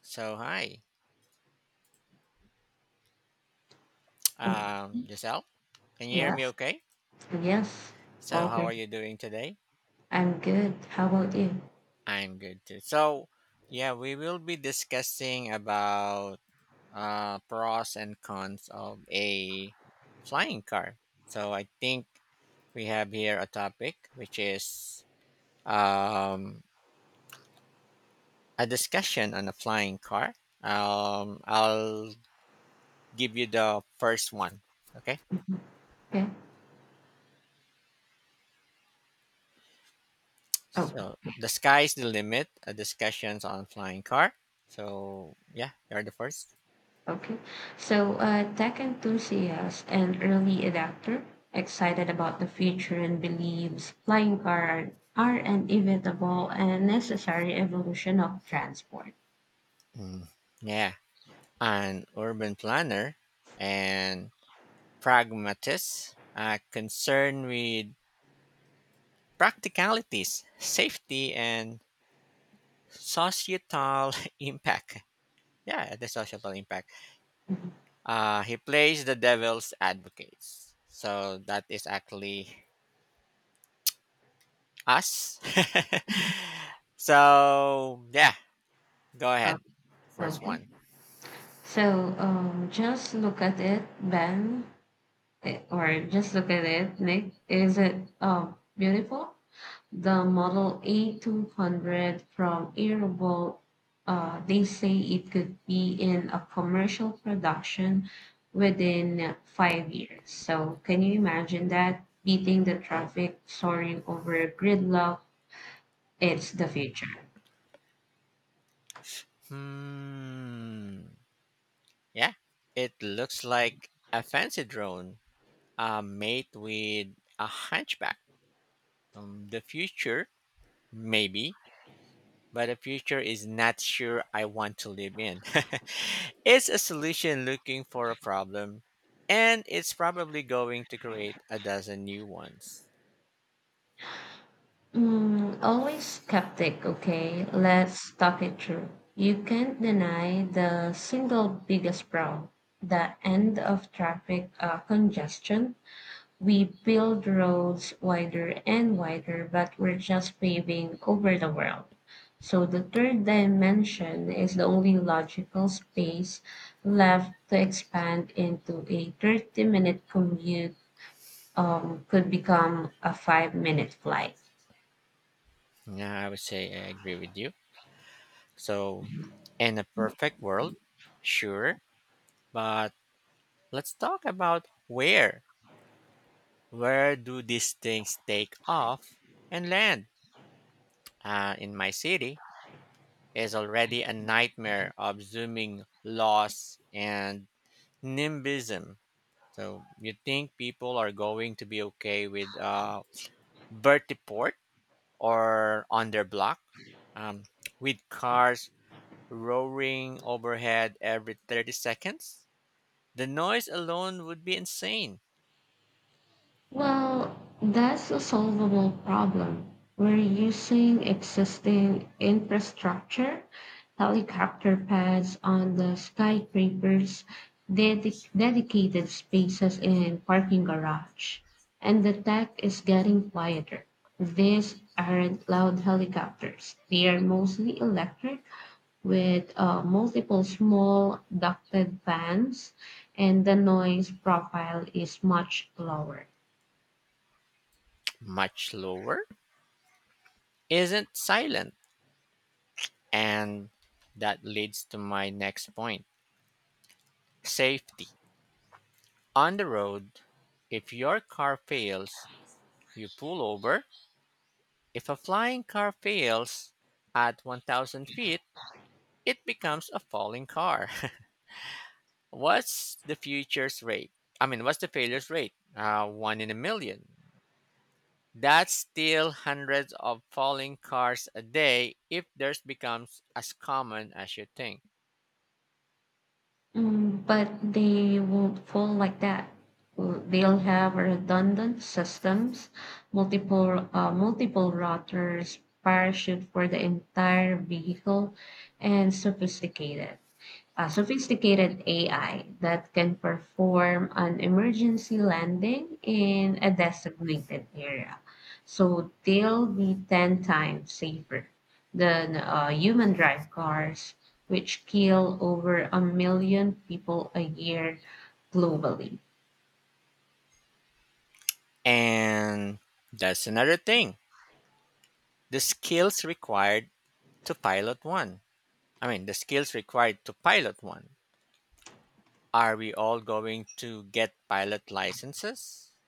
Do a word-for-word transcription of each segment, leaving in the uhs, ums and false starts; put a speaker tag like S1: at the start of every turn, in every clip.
S1: So hi,
S2: Oh,
S1: um, Giselle. Can you hear me?
S2: yes,
S1: Okay.
S2: yes.
S1: So how
S2: Okay.
S1: are you doing today?
S2: I'm good. How about you?
S1: I'm good too. So yeah, we will be discussing about uh, pros and cons of a flying car. So I think we have here a topic which is um, a discussion on a flying car. Um, I'll give you the first one. Okay.
S2: Mhm. Okay. Oh,
S1: So the sky's the limit. Uh, discussions on flying car. So yeah, you're the first.
S2: okay. So, uh, tech enthusiast and early adapter, excited about the future and believes flying car are an inevitable and necessary evolution of transport.
S1: Mm, yeah, an urban planner and pragmatist, uh, concerned with practicalities, safety, and societal impact. Yeah, the societal impact.
S2: Mhm.
S1: Uh, he plays the devil's advocates. So that is actually us.
S2: Mhm.
S1: So yeah, go
S2: Oh,
S1: ahead. First
S2: Okay.
S1: one.
S2: So, um, just look at it, Ben, eh, or just look at it, Nick. Is it um beautiful? The Model A two hundred from Airbus. Uh, they say it could be in a commercial production within five years. So can you imagine that beating the traffic, soaring over gridlock? It's the future.
S1: Hmm. Yeah. It looks like a fancy drone uh, mate with a hunchback. Um, the future, maybe, but a future is not sure I want to live in. It's a solution looking for a problem, and it's probably going to create a dozen new ones.
S2: Mm, always skeptic, okay? Let's talk it through. You can't deny the single biggest problem, the end of traffic uh, congestion. We build roads wider and wider, but we're just paving over the world. So the third dimension is the only logical space left to expand into a thirty minute commute um, could become a five minute flight.
S1: Yeah, I would say I agree with you. So, in a perfect world, sure, but let's talk about where. Where do these things take off and land? Uh, in my city is already a nightmare of zooming loss and nimbism. So you think people are going to be okay with uh, vertiport or on their block, um, with cars roaring overhead every thirty seconds? The noise alone would be insane.
S2: Well, that's a solvable problem. We're using existing infrastructure, helicopter pads on the skyscrapers, dedic- dedicated spaces in parking garage, and the tech is getting quieter. These aren't loud helicopters. They are mostly electric with uh, multiple small ducted fans, and the noise profile is much lower.
S1: Much lower isn't silent. And that leads to my next point, safety. On the road, if your car fails, you pull over. If a flying car fails at one thousand feet, it becomes a falling car. what's the future's rate? I mean, what's the failure's rate? Uh, one in a million. That's still hundreds of falling cars a day if theirs becomes as common as you think.
S2: Mm, but they won't fall like that. Uh, They'll have redundant systems, multiple uh, multiple routers, parachute for the entire vehicle, and sophisticated a sophisticated A I that can perform an emergency landing in a designated area. So they'll be ten times safer than uh, human drive cars, which kill over a million people a year globally.
S1: And that's another thing, the skills required to pilot one. I mean, the skills required to pilot one. Are we all going to get pilot licenses?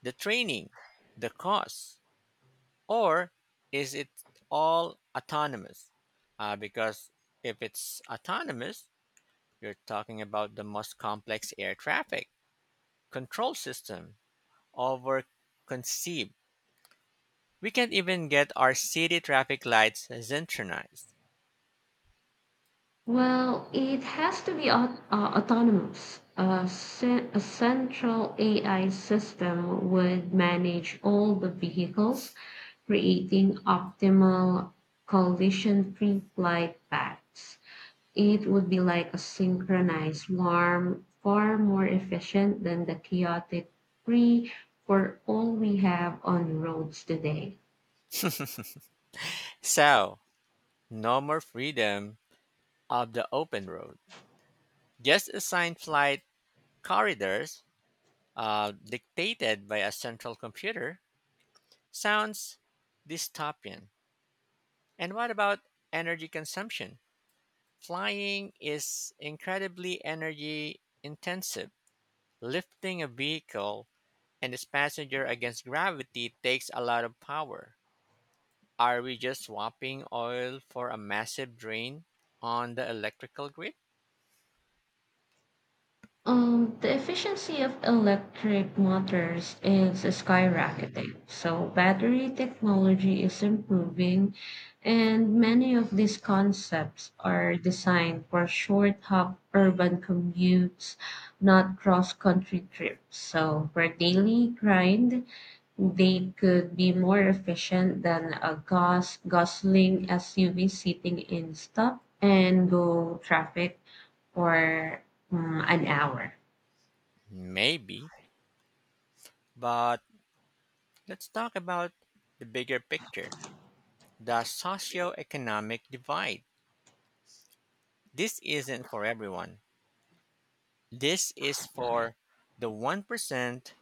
S1: The training, the cost, or is it all autonomous? Uh, because if it's autonomous, you're talking about the most complex air traffic control system over conceived. We can't even get our city traffic lights synchronized.
S2: Well, it has to be au- uh, autonomous. A, ce- a central A I system would manage all the vehicles creating optimal collision-free flight paths. It would be like a synchronized swarm, far more efficient than the chaotic free for all we have on roads today.
S1: So, no more freedom of the open road. Just assigned flight corridors, uh, dictated by a central computer, sounds dystopian. And what about energy consumption? Flying is incredibly energy intensive. Lifting a vehicle and its passenger against gravity takes a lot of power. Are we just swapping oil for a massive drain on the electrical grid?
S2: Um, the efficiency of electric motors is skyrocketing. So battery technology is improving, and many of these concepts are designed for short hop urban commutes, not cross-country trips. So for daily grind, they could be more efficient than a gas guzzling S U V sitting in stop and go traffic for mm, an hour.
S1: Maybe, but let's talk about the bigger picture, the socioeconomic divide. This isn't for everyone. This is for the one percent.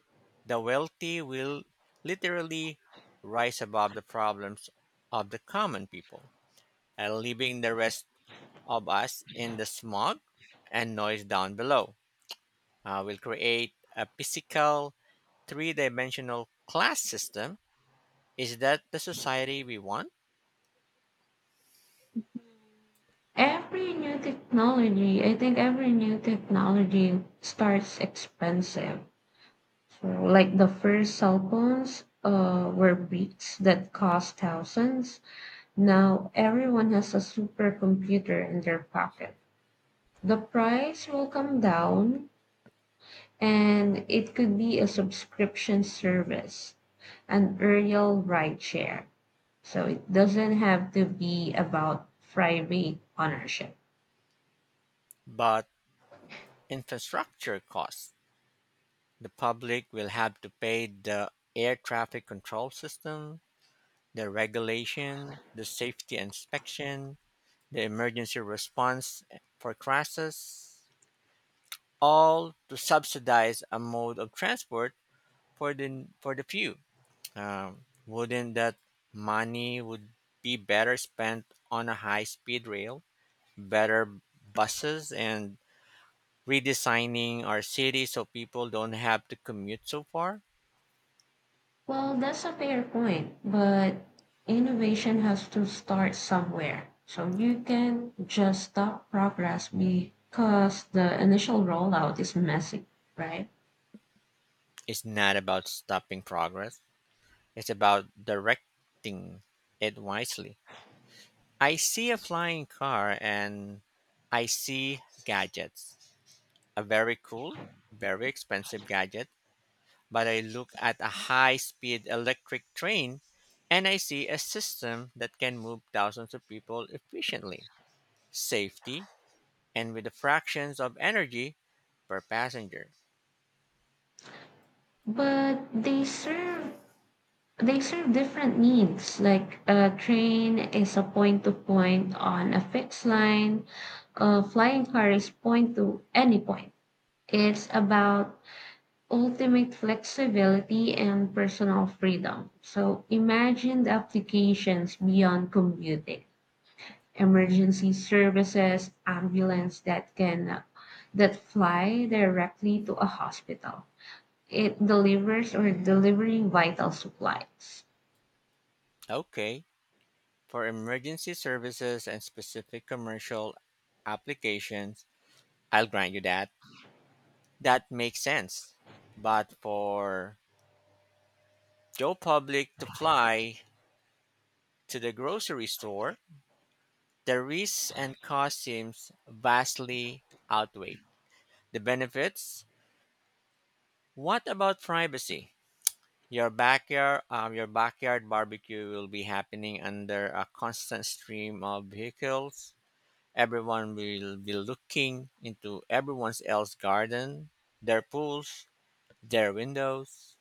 S1: The wealthy will literally rise above the problems of the common people, and leaving the rest of us in the smog and noise down below. Uh, will create a physical three dimensional class system. Is that the society we want?
S2: Every new technology, I think every new technology starts expensive. So, like the first cell phones uh, were beats that cost thousands. Now everyone has a supercomputer in their pocket. The price will come down, and it could be a subscription service, an aerial rideshare. So it doesn't have to be about private ownership.
S1: But infrastructure costs: the public will have to pay the air traffic control system, the regulation, the safety inspection, the emergency response for crashes, all to subsidize a mode of transport for the for the few. Um, wouldn't that money would be better spent on a high-speed rail, better buses, and redesigning our city so people don't have to commute so far?
S2: Well, that's a fair point, but innovation has to start somewhere. So you can just stop progress because the initial rollout is messy, right?
S1: It's not about stopping progress, it's about directing it wisely. I see a flying car and I see gadgets. A very cool, very expensive gadget, but I look at a high speed electric train and I see a system that can move thousands of people efficiently, safety, and with the fractions of energy per passenger.
S2: But they serve they serve different needs. Like a train is a point to point on a fixed line, a flying car is point to any point. It's about ultimate flexibility and personal freedom. So imagine the applications beyond commuting. Emergency services, ambulance that can that fly directly to a hospital. It delivers or delivering vital supplies.
S1: Okay, for emergency services and specific commercial applications, I'll grant you that. That makes sense. But for Joe Public to fly to the grocery store, the risks and cost seems vastly outweigh the benefits. What about privacy? Your backyard, um, your backyard barbecue will be happening under a constant stream of vehicles. Everyone will be looking into everyone else's garden, their pools, their windows.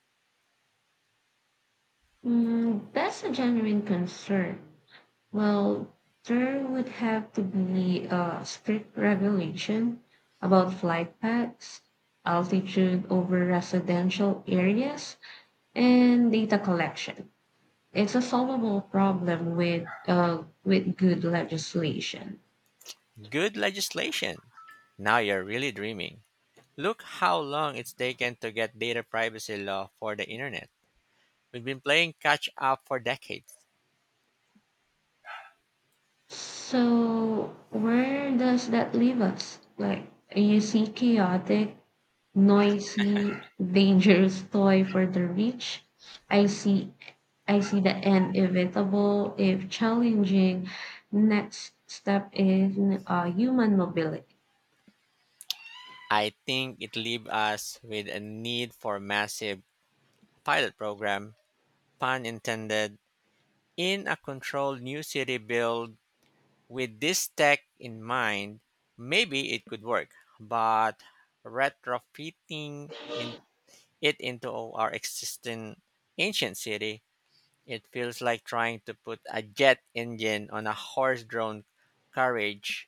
S2: Mm, that's a genuine concern. Well, there would have to be a strict regulation about flight paths, altitude over residential areas, and data collection. It's a solvable problem with uh, with good legislation.
S1: Good legislation. Now you're really dreaming. Look how long it's taken to get data privacy law for the internet. We've been playing catch up for decades.
S2: So where does that leave us? Like, you see chaotic noisy, dangerous toy for the rich. I see I see the inevitable, if challenging, next step in uh, human mobility.
S1: I think it leaves us with a need for massive pilot program, pun intended, in a controlled new city build. With this tech in mind, maybe it could work, but retrofitting in it into our existing ancient city, it feels like trying to put a jet engine on a horse-drawn carriage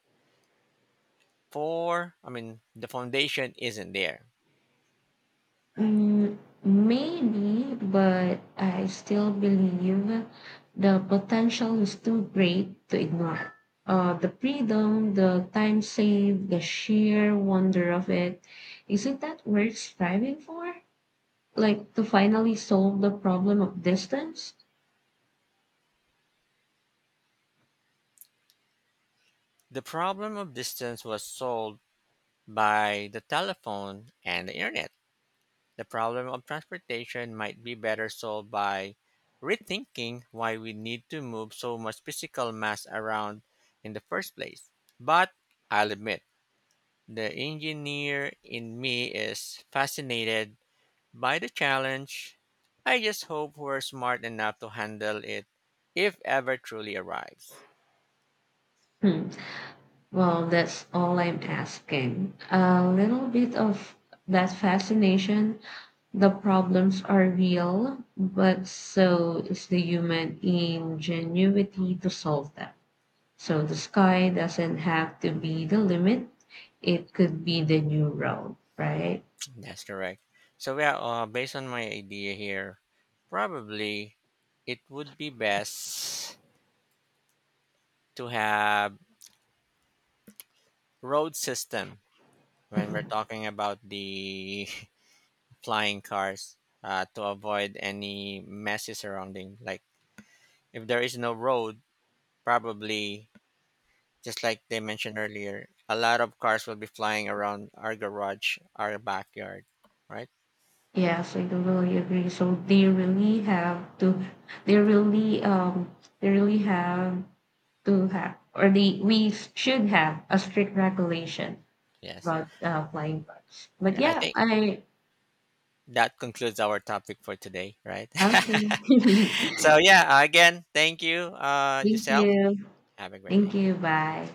S1: for, I mean, the foundation isn't there.
S2: Mm, maybe, but I still believe the potential is too great to ignore. Uh, the freedom, the time saved, the sheer wonder of it, is it that worth striving for? Like to finally solve the problem of distance?
S1: The problem of distance was solved by the telephone and the internet. The problem of transportation might be better solved by rethinking why we need to move so much physical mass around in the first place. But I'll admit, the engineer in me is fascinated by the challenge. I just hope we're smart enough to handle it if ever truly arrives.
S2: Hmm. Well, that's all I'm asking. A little bit of that fascination. The problems are real, but so is the human ingenuity to solve them. So the sky doesn't have to be the limit, it could be the new road, right?
S1: That's correct. So, yeah, uh, based on my idea here, probably it would be best to have road system when we're
S2: Mhm.
S1: talking about the flying cars, uh, to avoid any messy surrounding, like if there is no road, probably just like they mentioned earlier, a lot of cars will be flying around our garage, our backyard, right?
S2: Yes, I totally agree. So they really have to, they really, um, they really have to have, or the we should have a strict regulation
S1: Yes,
S2: about uh, flying cars. But
S1: yeah, i
S2: yeah,
S1: think
S2: I
S1: that concludes our topic for today, right?
S2: okay.
S1: So yeah, again, thank you, uh
S2: Thank
S1: Giselle,
S2: you,
S1: have a great
S2: thank
S1: day.
S2: you. Bye.